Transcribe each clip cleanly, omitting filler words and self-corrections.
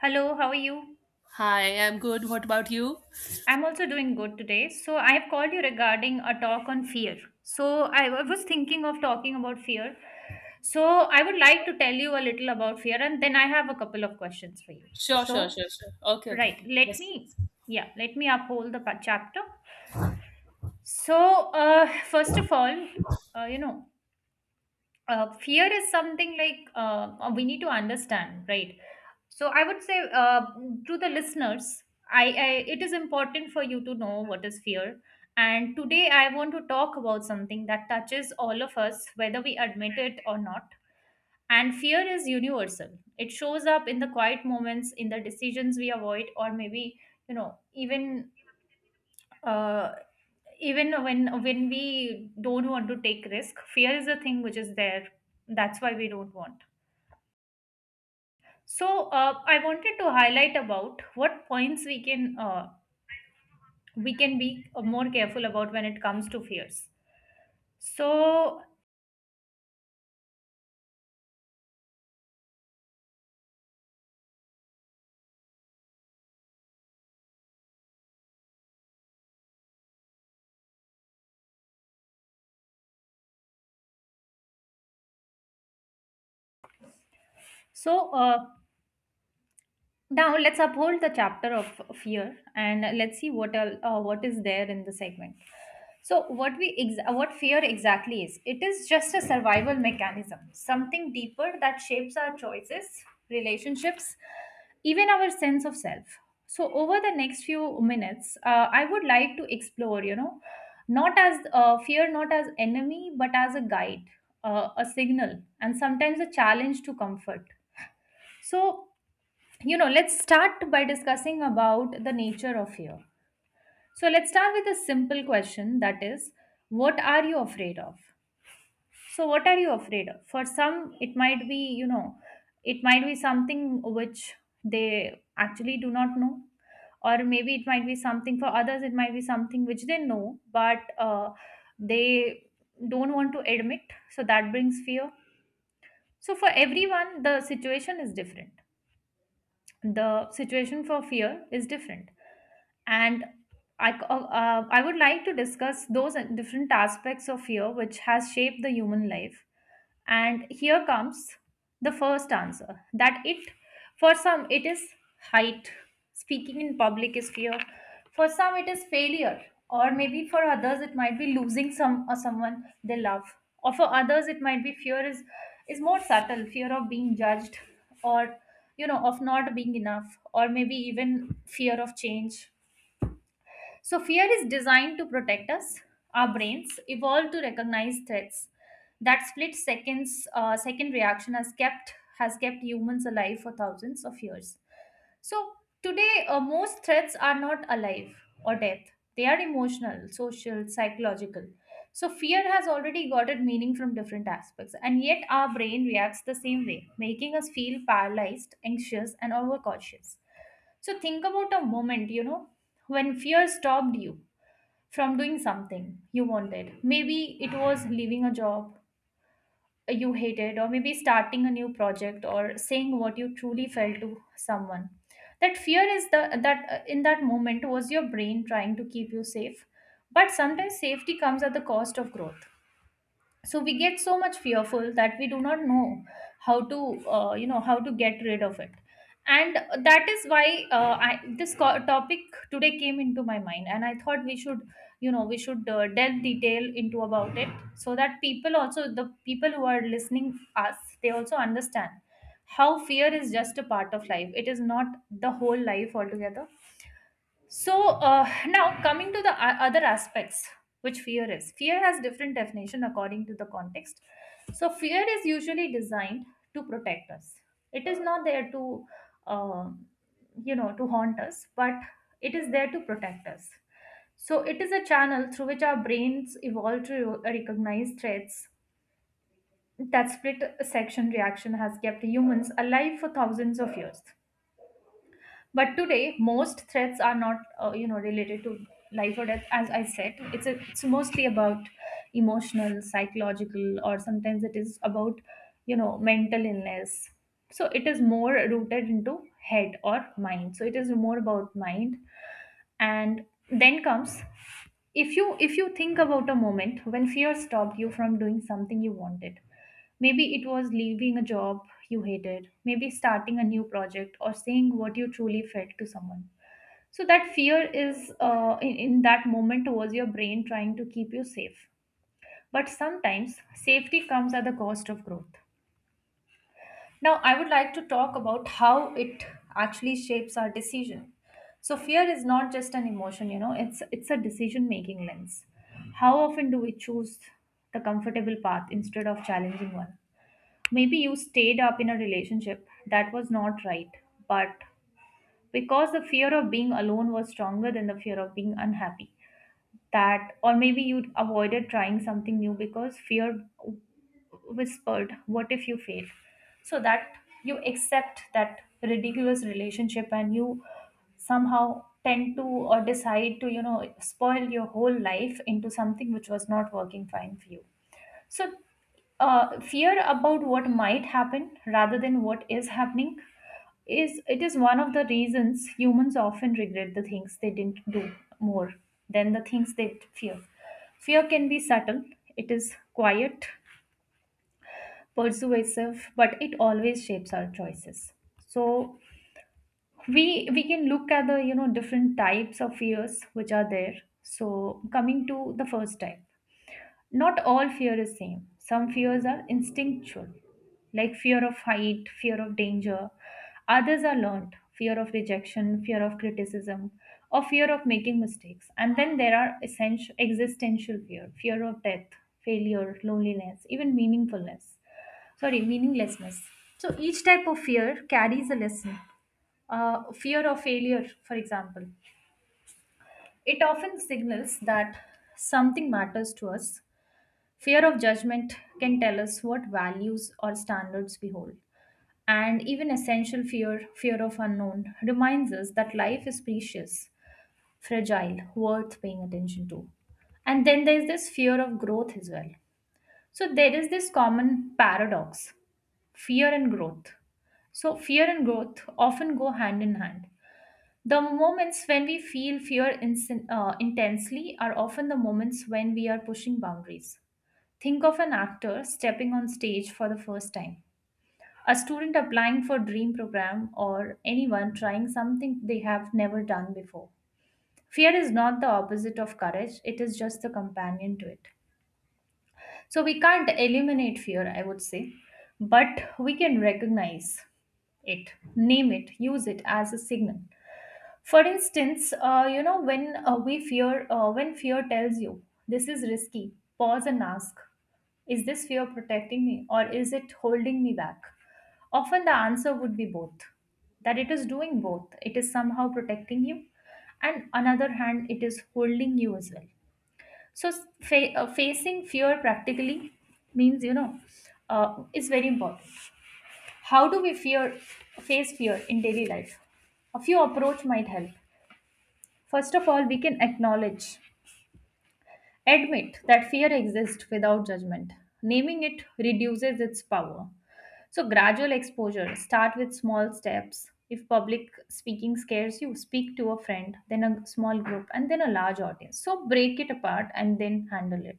Hello, how are you? Hi, I'm good. What about you? I'm also doing good today. So, I have called you regarding a talk on fear. So, was thinking of talking about fear. So, I would like to tell you a little about fear, and then I have a couple of questions for you. Sure, sure, So, sure, sure. Okay, okay, right, okay. Yes, please. yeah, let me uphold the chapter. So, uh, first of all, uh, you know, fear is something like we need to understand, right? So I would say, to the listeners, I it is important for you to know what is fear. And today I want to talk about something that touches all of us, whether we admit it or not. And fear is universal. It shows up in the quiet moments, in the decisions we avoid, or maybe, even uh, even when we don't want to take risk. Fear is a thing which is there. That's why we don't want. So I wanted to highlight about what points we can be more careful about when it comes to fears. So so, now let's uphold the chapter of fear and let's see what is there in the segment. So what fear exactly is? It is just a survival mechanism, something deeper that shapes our choices, relationships, even our sense of self. So over the next few minutes, I would like to explore, not as fear, not as enemy, but as a guide, a signal, and sometimes a challenge to comfort. So, let's start by discussing about the nature of fear. So let's start with a simple question, that is, what are you afraid of? So what are you afraid of? For some, it might be, it might be something which they actually do not know. Or maybe it might be something, for others it might be something which they know, but they don't want to admit. So that brings fear. So for everyone the situation is different, the situation for fear is different. And I would like to discuss those different aspects of fear which has shaped the human life. And here comes the first answer, that it, for some, it is height. Speaking in public is fear. For some, it is failure. Or maybe for others, it might be losing some or someone they love. Or for others, it might be fear is more subtle, fear of being judged, or, of not being enough. Or maybe even fear of change. So, fear is designed to protect us. Our brains evolved to recognize threats. That second reaction has kept humans alive for thousands of years. So today, most threats are not alive or death. They are emotional, social, psychological. So fear has already got its meaning from different aspects, and yet our brain reacts the same way, making us feel paralyzed, anxious, and overcautious. So think about a moment, when fear stopped you from doing something you wanted. Maybe it was leaving a job you hated, or maybe starting a new project, or saying what you truly felt to someone. That fear is the that In that moment, was your brain trying to keep you safe, but sometimes safety comes at the cost of growth. So we get so much fearful that we do not know how to how to get rid of it. And that is why, this topic today came into my mind, and I thought we should, we should delve detail into about it, so that people also, the people who are listening us, they also understand how fear is just a part of life, it is not the whole life altogether. So now coming to the other aspects, which fear is. Fear has different definition according to the context. So fear is usually designed to protect us. It is not there to, uh, to haunt us, but it is there to protect us. So it is a channel through which our brains evolved to recognize threats. That split section reaction has kept humans alive for thousands of years. But today, most threats are not, related to life or death. As I said, it's mostly about emotional, psychological, or sometimes it is about, mental illness. So it is more rooted into head or mind. So it is more about mind, and then comes, if you think about a moment when fear stopped you from doing something you wanted, maybe it was leaving a job you hated, maybe starting a new project or saying what you truly felt to someone. So that fear in that moment was your brain trying to keep you safe. But sometimes safety comes at the cost of growth. Now, I would like to talk about how it actually shapes our decision. So, fear is not just an emotion, it's a decision-making lens. How often do we choose the comfortable path instead of challenging one? Maybe you stayed up in a relationship that was not right, but because the fear of being alone was stronger than the fear of being unhappy. That, or maybe you avoided trying something new because fear whispered, what if you fail? So that you accept that ridiculous relationship, and you somehow tend to or decide to, spoil your whole life into something which was not working fine for you. So fear about what might happen rather than what is happening, is it is one of the reasons humans often regret the things they didn't do more than the things they fear. Fear can be subtle, it is quiet, persuasive, but it always shapes our choices. So we can look at the, different types of fears which are there. So coming to the first type, not all fear is same. Some fears are instinctual, like fear of height, fear of danger. Others are learned, fear of rejection, fear of criticism, or fear of making mistakes. And then there are essential existential fear, fear of death, failure, loneliness, even meaningfulness. Sorry, meaninglessness. So each type of fear carries a lesson. Fear of failure, for example, it often signals that something matters to us. Fear of judgment can tell us what values or standards we hold. And even essential fear, fear of unknown, reminds us that life is precious, fragile, worth paying attention to. And then there's this fear of growth as well. So there is this common paradox, fear and growth. So fear and growth often go hand in hand. The moments when we feel fear intensely are often the moments when we are pushing boundaries. Think of an actor stepping on stage for the first time, a student applying for dream program, or anyone trying something they have never done before. Fear is not the opposite of courage, it is just the companion to it. So we can't eliminate fear, I would say, but we can recognize it, name it, use it as a signal. For instance, when when fear tells you this is risky, pause and ask, is this fear protecting me, or is it holding me back? Often the answer would be both. That it is doing both. It is somehow protecting you, and another hand, it is holding you as well. So facing fear practically means, is very important. How do we fear face fear in daily life? A few approach might help. First of all, we can acknowledge, admit that fear exists without judgment. Naming it reduces its power. So, gradual exposure. Start with small steps. If public speaking scares you, speak to a friend, then a small group, and then a large audience. So, break it apart and then handle it.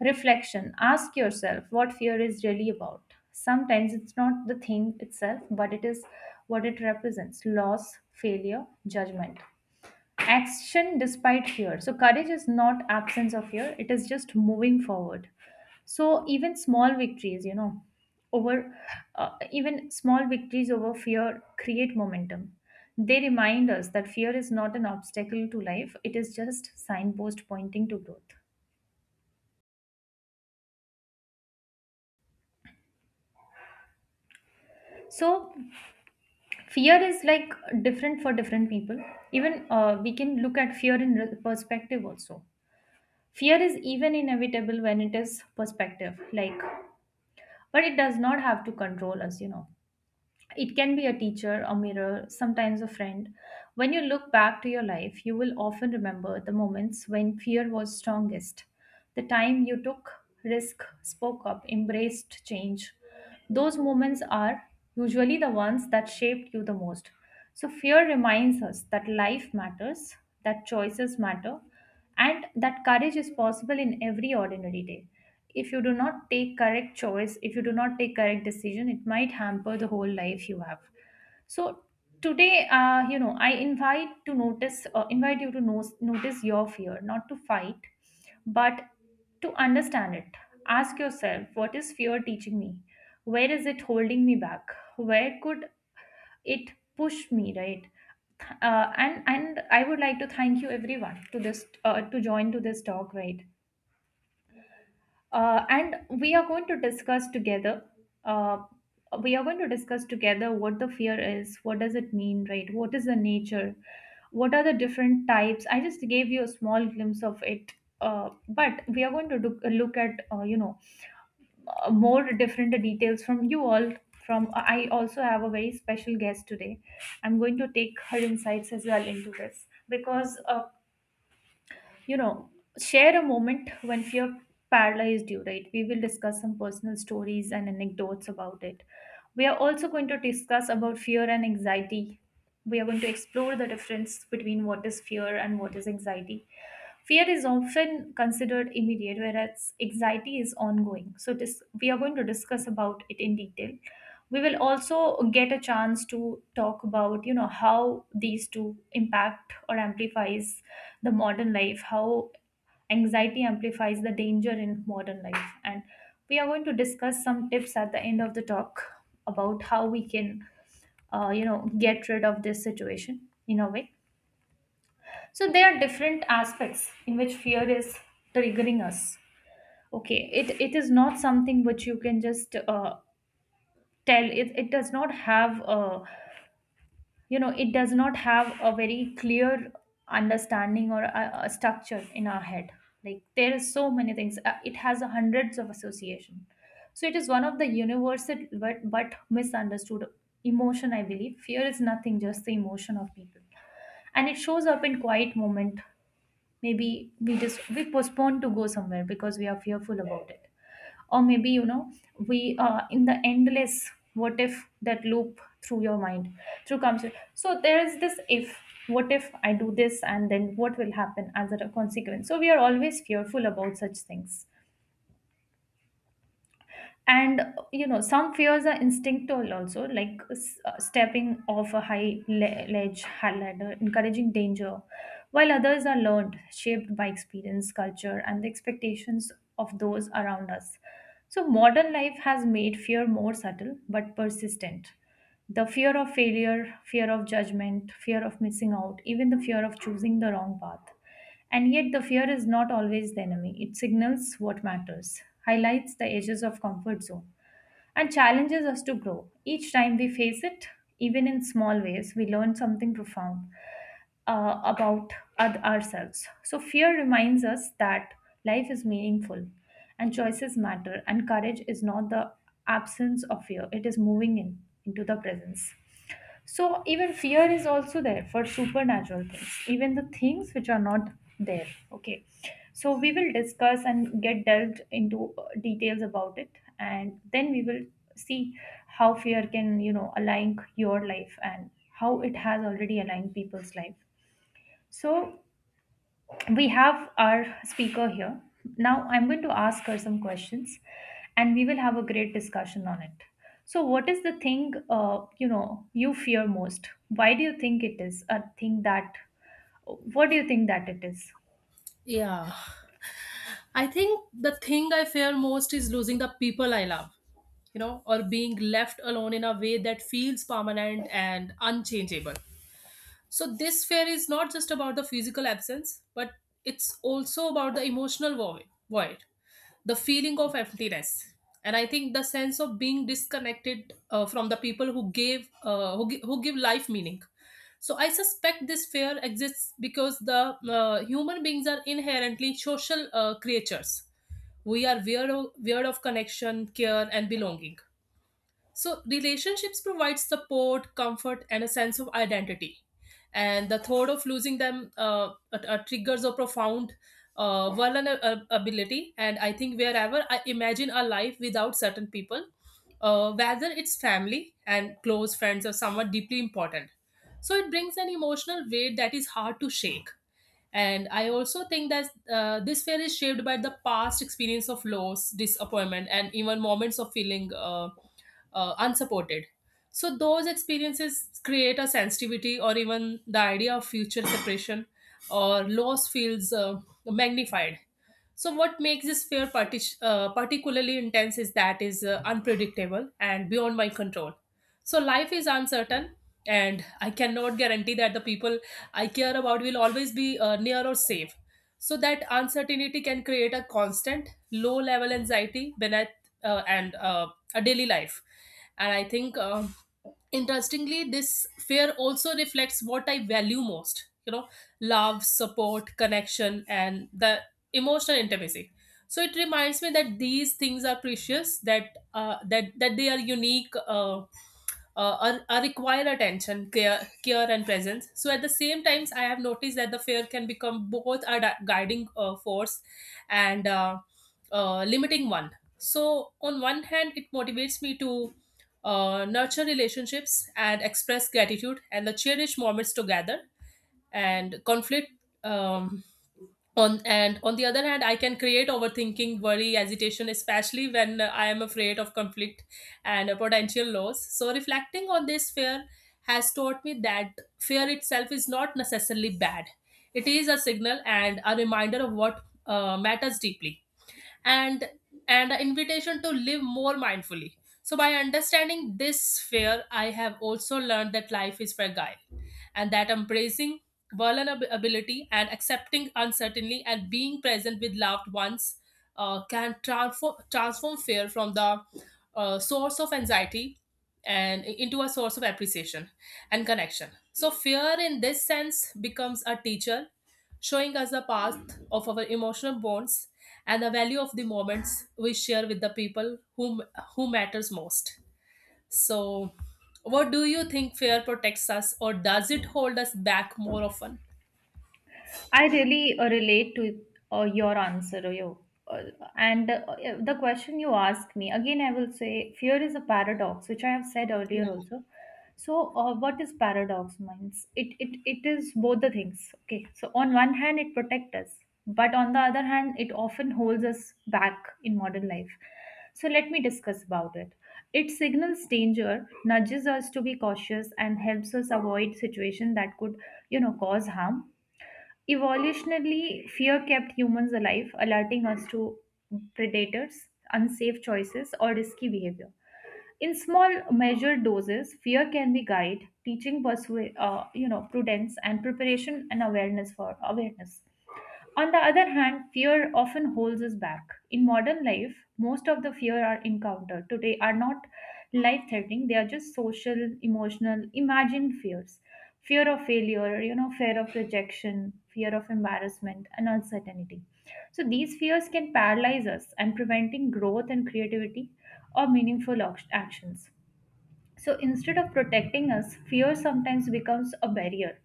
Reflection. Ask yourself what fear is really about. Sometimes it's not the thing itself, but it is what it represents: loss, failure, judgment. Action despite fear, so courage is not absence of fear, it is just moving forward. So even small victories, you know over even small victories over fear create momentum. They remind us that fear is not an obstacle to life, it is just signpost pointing to growth. So fear is like different for different people. Even We can look at fear in perspective also. Fear is even inevitable when it is perspective, like, but it does not have to control us, it can be a teacher, a mirror, sometimes a friend. When you look back to your life, you will often remember the moments when fear was strongest, the time you took risk, spoke up, embraced change. Those moments are usually the ones that shaped you the most. So fear reminds us that life matters, that choices matter, and that courage is possible in every ordinary day. If you do not take correct choice, if you do not take correct decision, it might hamper the whole life you have. So today, I invite to notice invite you to notice your fear, not to fight, but to understand it. Ask yourself, what is fear teaching me? Where is it holding me back? Where could it push me, right? And I would like to thank you everyone to this to join to this talk, right. And we are going to discuss together. Uh, we are going to discuss together what the fear is, what does it mean, right? What is the nature? What are the different types? I just gave you a small glimpse of it, but we are going to look at, more different details from you all. From I also have a very special guest today. I'm going to take her insights as well into this, because you know share a moment when fear paralyzed you, right? We will discuss some personal stories and anecdotes about it. We are also going to discuss about fear and anxiety. We are going to explore the difference between what is fear and what is anxiety. Fear is often considered immediate, whereas anxiety is ongoing. So this, we are going to discuss about it in detail. We will also get a chance to talk about, you know, how these two impact or amplifies the modern life, how anxiety amplifies the danger in modern life. And we are going to discuss some tips at the end of the talk about how we can, get rid of this situation in a way. So there are different aspects in which fear is triggering us. Okay, it is not something which you can just tell. It does not have a it does not have a very clear understanding or a structure in our head. Like there is so many things. It has a hundreds of association. So it is one of the universal but misunderstood emotion. I believe fear is nothing just the emotion of people, and it shows up in quiet moment. Maybe we postpone to go somewhere because we are fearful about it, or maybe, you know, we are in the endless what if that loop through your mind through comes. So there is this if, what if I do this and then what will happen as a consequence? So we are always fearful about such things. And, you know, some fears are instinctual also, like stepping off a high ledge, high ladder, encouraging danger, while others are learned, shaped by experience, culture, and the expectations of those around us. So modern life has made fear more subtle but persistent: the fear of failure, fear of judgment, fear of missing out, even the fear of choosing the wrong path. And yet, the fear is not always the enemy. It signals what matters, highlights the edges of comfort zone, and challenges us to grow. Each time we face it, even in small ways, we learn something profound about ourselves. So, fear reminds us that life is meaningful and choices matter, and courage is not the absence of fear, it is moving in into the presence. So even fear is also there for supernatural things, even the things which are not there. Okay. So we will discuss and get delved into details about it, and then we will see how fear can, you know, align your life and how it has already aligned people's life. So we have our speaker here. Now I'm going to ask her some questions and we will have a great discussion on it. So what is the thing, you fear most? Why do you think it is a thing that what do you think that it is? Yeah. I think the thing I fear most is losing the people I love, you know, or being left alone in a way that feels permanent and unchangeable. So, this fear is not just about the physical absence, but it's also about the emotional void, the feeling of emptiness. And I think the sense of being disconnected from the people who give life meaning. So I suspect this fear exists because the human beings are inherently social creatures. We are weird of connection, care, and belonging. So, relationships provide support, comfort, and a sense of identity. And the thought of losing them triggers a profound vulnerability. And I think wherever I imagine a life without certain people, whether it's family and close friends or someone deeply important, so it brings an emotional weight that is hard to shake. And I also think that this fear is shaped by the past experience of loss, disappointment, and even moments of feeling unsupported. So, those experiences create a sensitivity, or even the idea of future separation or loss feels magnified. So, what makes this fear particularly intense is that is unpredictable and beyond my control. So, life is uncertain, and I cannot guarantee that the people I care about will always be near or safe. So that uncertainty can create a constant low level anxiety beneath and a daily life. And I think, interestingly, this fear also reflects what I value most. You know, love, support, connection, and the emotional intimacy. So it reminds me that these things are precious. That that they are unique. Are require attention, care, and presence. So at the same times, I have noticed that the fair can become both a guiding force and limiting one. So on one hand, it motivates me to nurture relationships and express gratitude and the cherished moments together. And conflict, um, on the other hand, I can create overthinking, worry, agitation, especially when I am afraid of conflict and potential loss. So reflecting on this fear has taught me that fear itself is not necessarily bad. It is a signal and a reminder of what matters deeply, and an invitation to live more mindfully. So by understanding this fear, I have also learned that life is fragile and that embracing vulnerability and accepting uncertainty and being present with loved ones can transform fear from the source of anxiety and into a source of appreciation and connection. So fear in this sense becomes a teacher, showing us the path of our emotional bonds and the value of the moments we share with the people who matters most. So what do you think, fear protects us or does it hold us back more often? I really relate to your answer, your, uh, and the question you asked me again. I will say fear is a paradox, which I have said earlier also. So, what is paradox means? It is both the things. Okay, so on one hand, it protects us, but on the other hand, it often holds us back in modern life. So let me discuss about it. It signals danger, nudges us to be cautious, and helps us avoid situations that could, you know, cause harm. Evolutionarily, fear kept humans alive, alerting us to predators, unsafe choices, or risky behavior. In small, measured doses, fear can be guide, teaching prudence and preparation and awareness for awareness. On the other hand, fear often holds us back. In modern life, most of the fear are encountered today are not life threatening, they are just social, emotional, imagined fears. Fear of failure, you know, fear of rejection, fear of embarrassment, and uncertainty. So these fears can paralyze us and preventing growth and creativity or meaningful actions. So instead of protecting us, fear sometimes becomes a barrier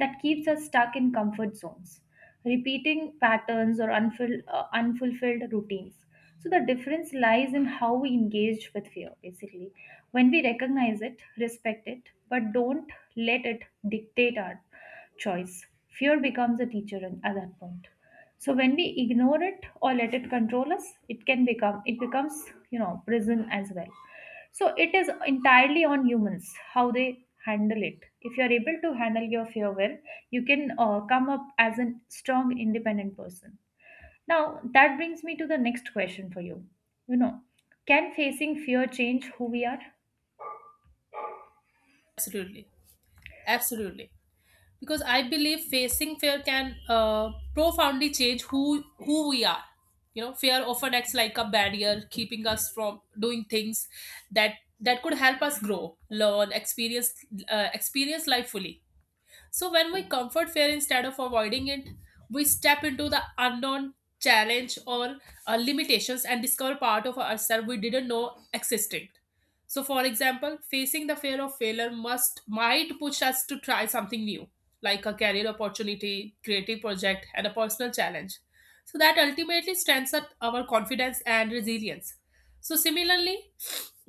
that keeps us stuck in comfort zones, repeating patterns or unfulfilled routines. So the difference lies in how we engage with fear, basically. When we recognize it, respect it, but don't let it dictate our choice. Fear becomes a teacher at that point. So when we ignore it or let it control us, it becomes, you know, prison as well. So it is entirely on humans how they handle it. If you are able to handle your fear well, you can come up as a strong, independent person. Now that brings me to the next question for you. You know, can facing fear change who we are? Absolutely, absolutely. Because I believe facing fear can profoundly change who we are. You know, fear often acts like a barrier, keeping us from doing things that that could help us grow, learn, experience life fully. So when we comfort fear instead of avoiding it, we step into the unknown, challenge or limitations, and discover part of ourselves we didn't know existed. So for example, facing the fear of failure must might push us to try something new, like a career opportunity, creative project, and a personal challenge. So that ultimately strengthens our confidence and resilience. So similarly,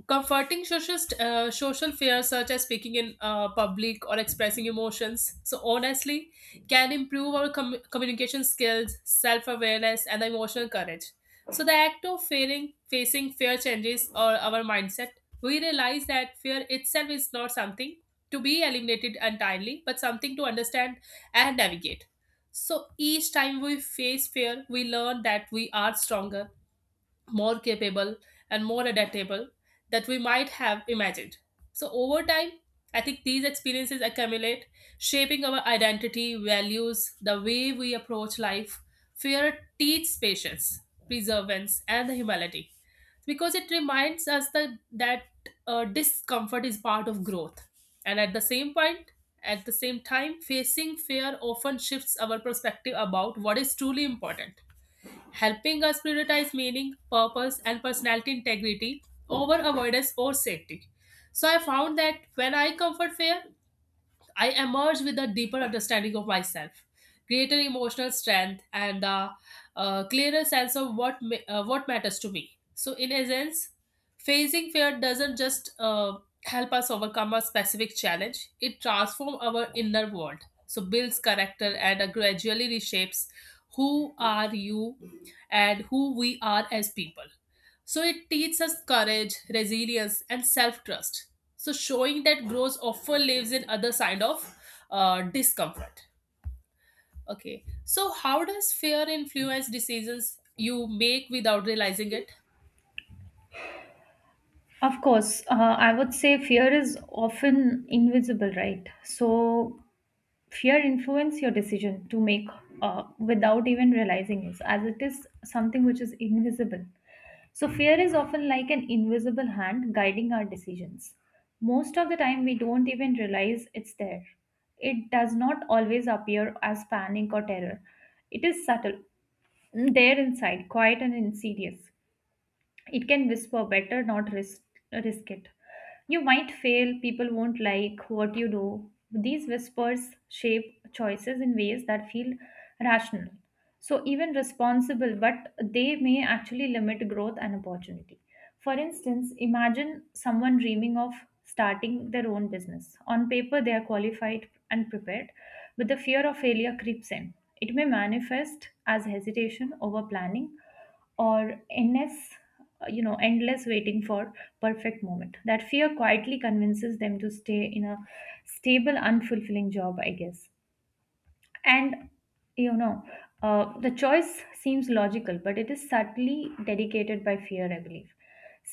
comforting social, social fears such as speaking in public or expressing emotions, so honestly, can improve our communication skills, self awareness, and emotional courage. So, the act of facing fear changes or our mindset. We realize that fear itself is not something to be eliminated entirely, but something to understand and navigate. So, each time we face fear, we learn that we are stronger, more capable, and more adaptable that we might have imagined. So, over time, I think these experiences accumulate, shaping our identity, values, the way we approach life. Fear teaches patience, perseverance, and the humility, because it reminds us that discomfort is part of growth. And at the same time, facing fear often shifts our perspective about what is truly important, helping us prioritize meaning, purpose, and personality integrity over avoidance or safety. So I found that when I comfort fear, I emerge with a deeper understanding of myself, greater emotional strength, and a clearer sense of what matters to me. So, in essence, facing fear doesn't just help us overcome a specific challenge; it transforms our inner world. So, builds character and gradually reshapes who are you and who we are as people. So it teaches us courage, resilience, and self-trust. So showing that growth often lives in other side of discomfort. Okay. So how does fear influence decisions you make without realizing it? Of course, I would say fear is often invisible, right? So fear influence your decision to make without even realizing it, as it is something which is invisible. So fear is often like an invisible hand guiding our decisions. Most of the time, we don't even realize it's there. It does not always appear as panic or terror. It is subtle, there inside, quiet and insidious. It can whisper better not risk it, you might fail, people won't like what you do. These whispers shape choices in ways that feel rational, so even responsible, but they may actually limit growth and opportunity. For instance, imagine someone dreaming of starting their own business. On paper they are qualified and prepared, but the fear of failure creeps in. It may manifest as hesitation over planning, or endless, endless waiting for perfect moment. That fear quietly convinces them to stay in a stable unfulfilling job, I guess. And, you know, the choice seems logical, but it is subtly dedicated by fear, I believe.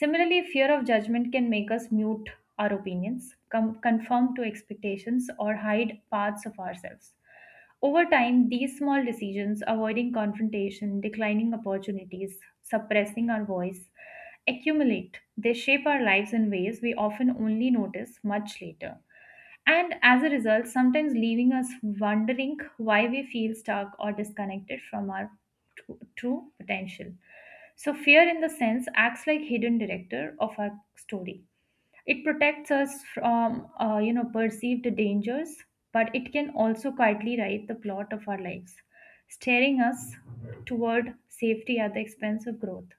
Similarly, fear of judgment can make us mute our opinions, conform to expectations, or hide parts of ourselves. Over time, these small decisions, avoiding confrontation, declining opportunities, suppressing our voice, accumulate. They shape our lives in ways we often only notice much later, and as a result, sometimes leaving us wondering why we feel stuck or disconnected from our true potential. So, fear in the sense acts like hidden director of our story. It protects us from, perceived dangers, but it can also quietly write the plot of our lives, steering us toward safety at the expense of growth.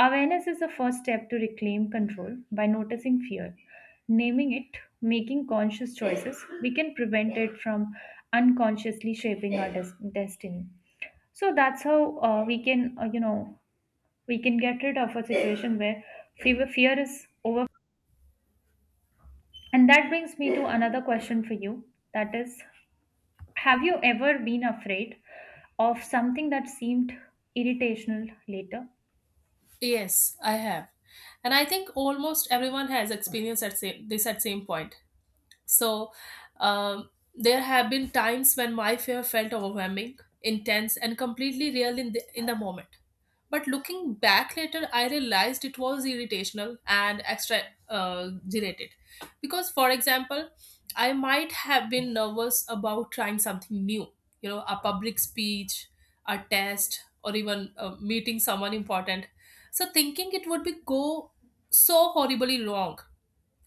Awareness is the first step to reclaim control by noticing fear. Naming it, making conscious choices, we can prevent it from unconsciously shaping our destiny. So that's how, we can, we can get rid of a situation where fear is over. And that brings me to another question for you. That is, have you ever been afraid of something that seemed irritational later? Yes, I have, and I think almost everyone has experienced at this at same point. So there have been times when my fear felt overwhelming, intense, and completely real in in the moment. But looking back later, I realized it was irritational and extra generated. Because, for example, I might have been nervous about trying something new, you know, a public speech, a test, or even meeting someone important. So, thinking it would be go so horribly wrong.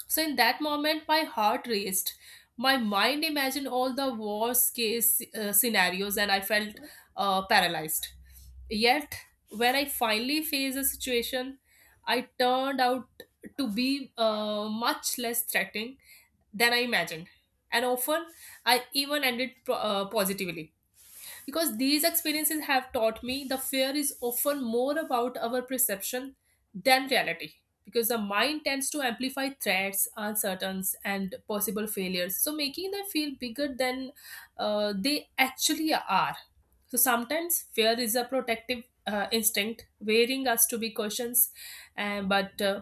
So in that moment, my heart raced. My mind imagined all the worst case scenarios and I felt paralyzed. Yet, when I finally faced the situation, I turned out to be much less threatening than I imagined. And often, I even ended positively. Because these experiences have taught me the fear is often more about our perception than reality. Because the mind tends to amplify threats, uncertainties, and possible failures, so making them feel bigger than they actually are. So sometimes fear is a protective instinct, wearing us to be cautious, and but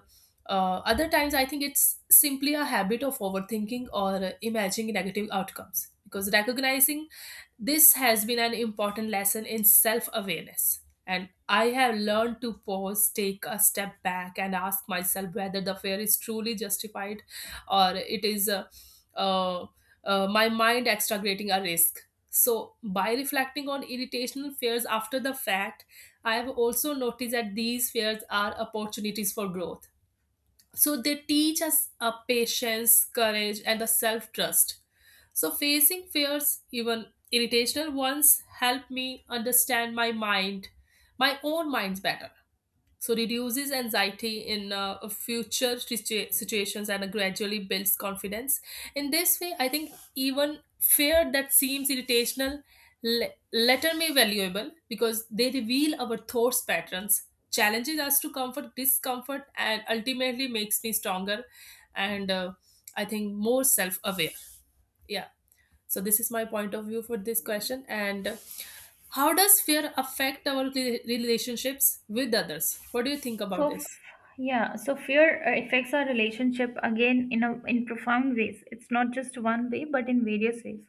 other times I think it's simply a habit of overthinking or imagining negative outcomes, because recognizing this has been an important lesson in self awareness. And I have learned to pause, take a step back, and ask myself whether the fear is truly justified or it is uh, my mind extragating a risk. So, by reflecting on irritational fears after the fact, I have also noticed that these fears are opportunities for growth, so they teach us a patience, courage, and a self trust. So facing fears, even irritational ones, help me understand my mind, my own minds better, so reduces anxiety in future situations and gradually builds confidence. In this way I think even fear that seems irritational le- letter may valuable, because they reveal our thoughts patterns, challenges us to comfort discomfort, and ultimately makes me stronger and I think more self-aware. Yeah. So this is my point of view for this question. And how does fear affect our relationships with others? What do you think about So, this? yeah, so fear affects our relationship again in a in profound ways. It's not just one way, but in various ways.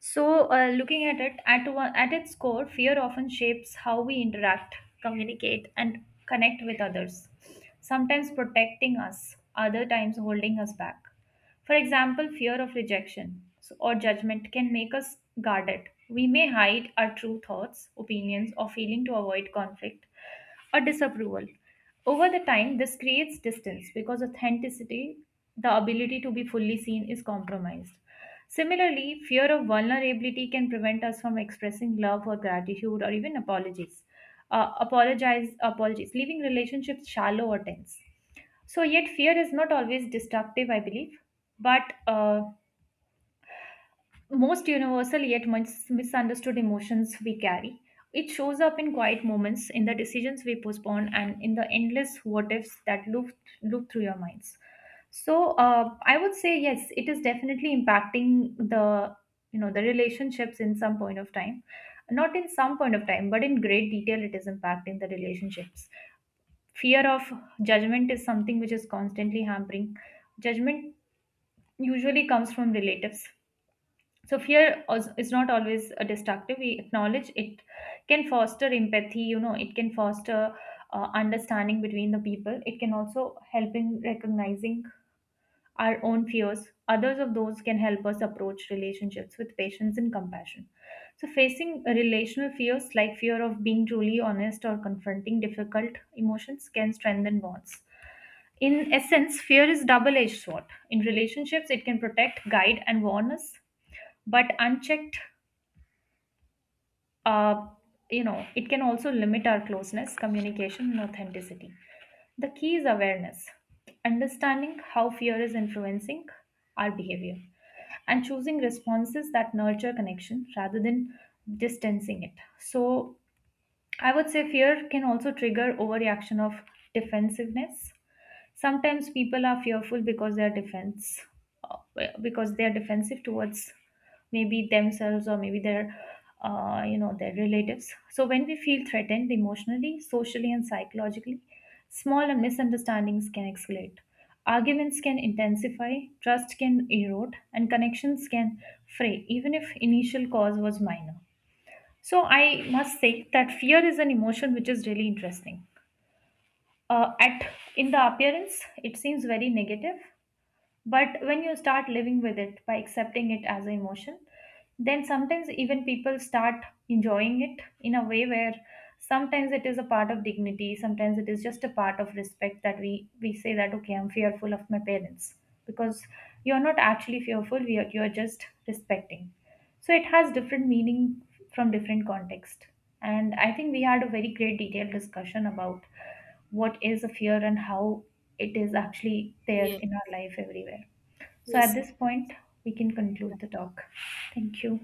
So, looking at it, one, at its core, fear often shapes how we interact, communicate, and connect with others, sometimes protecting us, other times holding us back. For example, fear of rejection or judgment can make us guarded. We may hide our true thoughts, opinions, or feeling to avoid conflict or disapproval. Over the time, this creates distance because authenticity, the ability to be fully seen, is compromised. Similarly, fear of vulnerability can prevent us from expressing love or gratitude or even apologies. Apologies, leaving relationships shallow or tense. So, yet fear is not always destructive, I believe, but most universal yet much misunderstood emotions we carry. It shows up in quiet moments, in the decisions we postpone, and in the endless what ifs that loop through your minds. So, I would say yes, it is definitely impacting the, you know, the relationships in some point of time, not in some point of time, but in great detail it is impacting the relationships. Fear of judgment is something which is constantly hampering. Judgment usually comes from relatives. So fear is not always a destructive. We acknowledge it can foster empathy. You know, it can foster understanding between the people. It can also help in recognizing our own fears. Others of those can help us approach relationships with patience and compassion. So facing relational fears like fear of being truly honest or confronting difficult emotions can strengthen bonds. In essence, fear is double-edged sword. In relationships, it can protect, guide, and warn us, but unchecked, uh, you know, it can also limit our closeness, communication, and authenticity. The key is awareness, understanding how fear is influencing our behavior, and choosing responses that nurture connection rather than distancing it. So, I would say fear can also trigger overreaction of defensiveness. Sometimes people are fearful because they are defense uh, because they are defensive towards maybe themselves or maybe their, their relatives. So when we feel threatened emotionally, socially, and psychologically, small misunderstandings can escalate, arguments can intensify, trust can erode, and connections can fray, even if initial cause was minor. So I must say that fear is an emotion which is really interesting. At in the appearance it seems very negative, but when you start living with it by accepting it as an emotion, then sometimes even people start enjoying it in a way where sometimes it is a part of dignity, sometimes it is just a part of respect, that we say that okay, I'm fearful of my parents, because you're not actually fearful, you're just respecting. So it has different meaning from different context. And I think we had a very great detailed discussion about what is a fear and how it is actually there Yes, in our life everywhere. So at yes, this point we can conclude the talk. Thank you.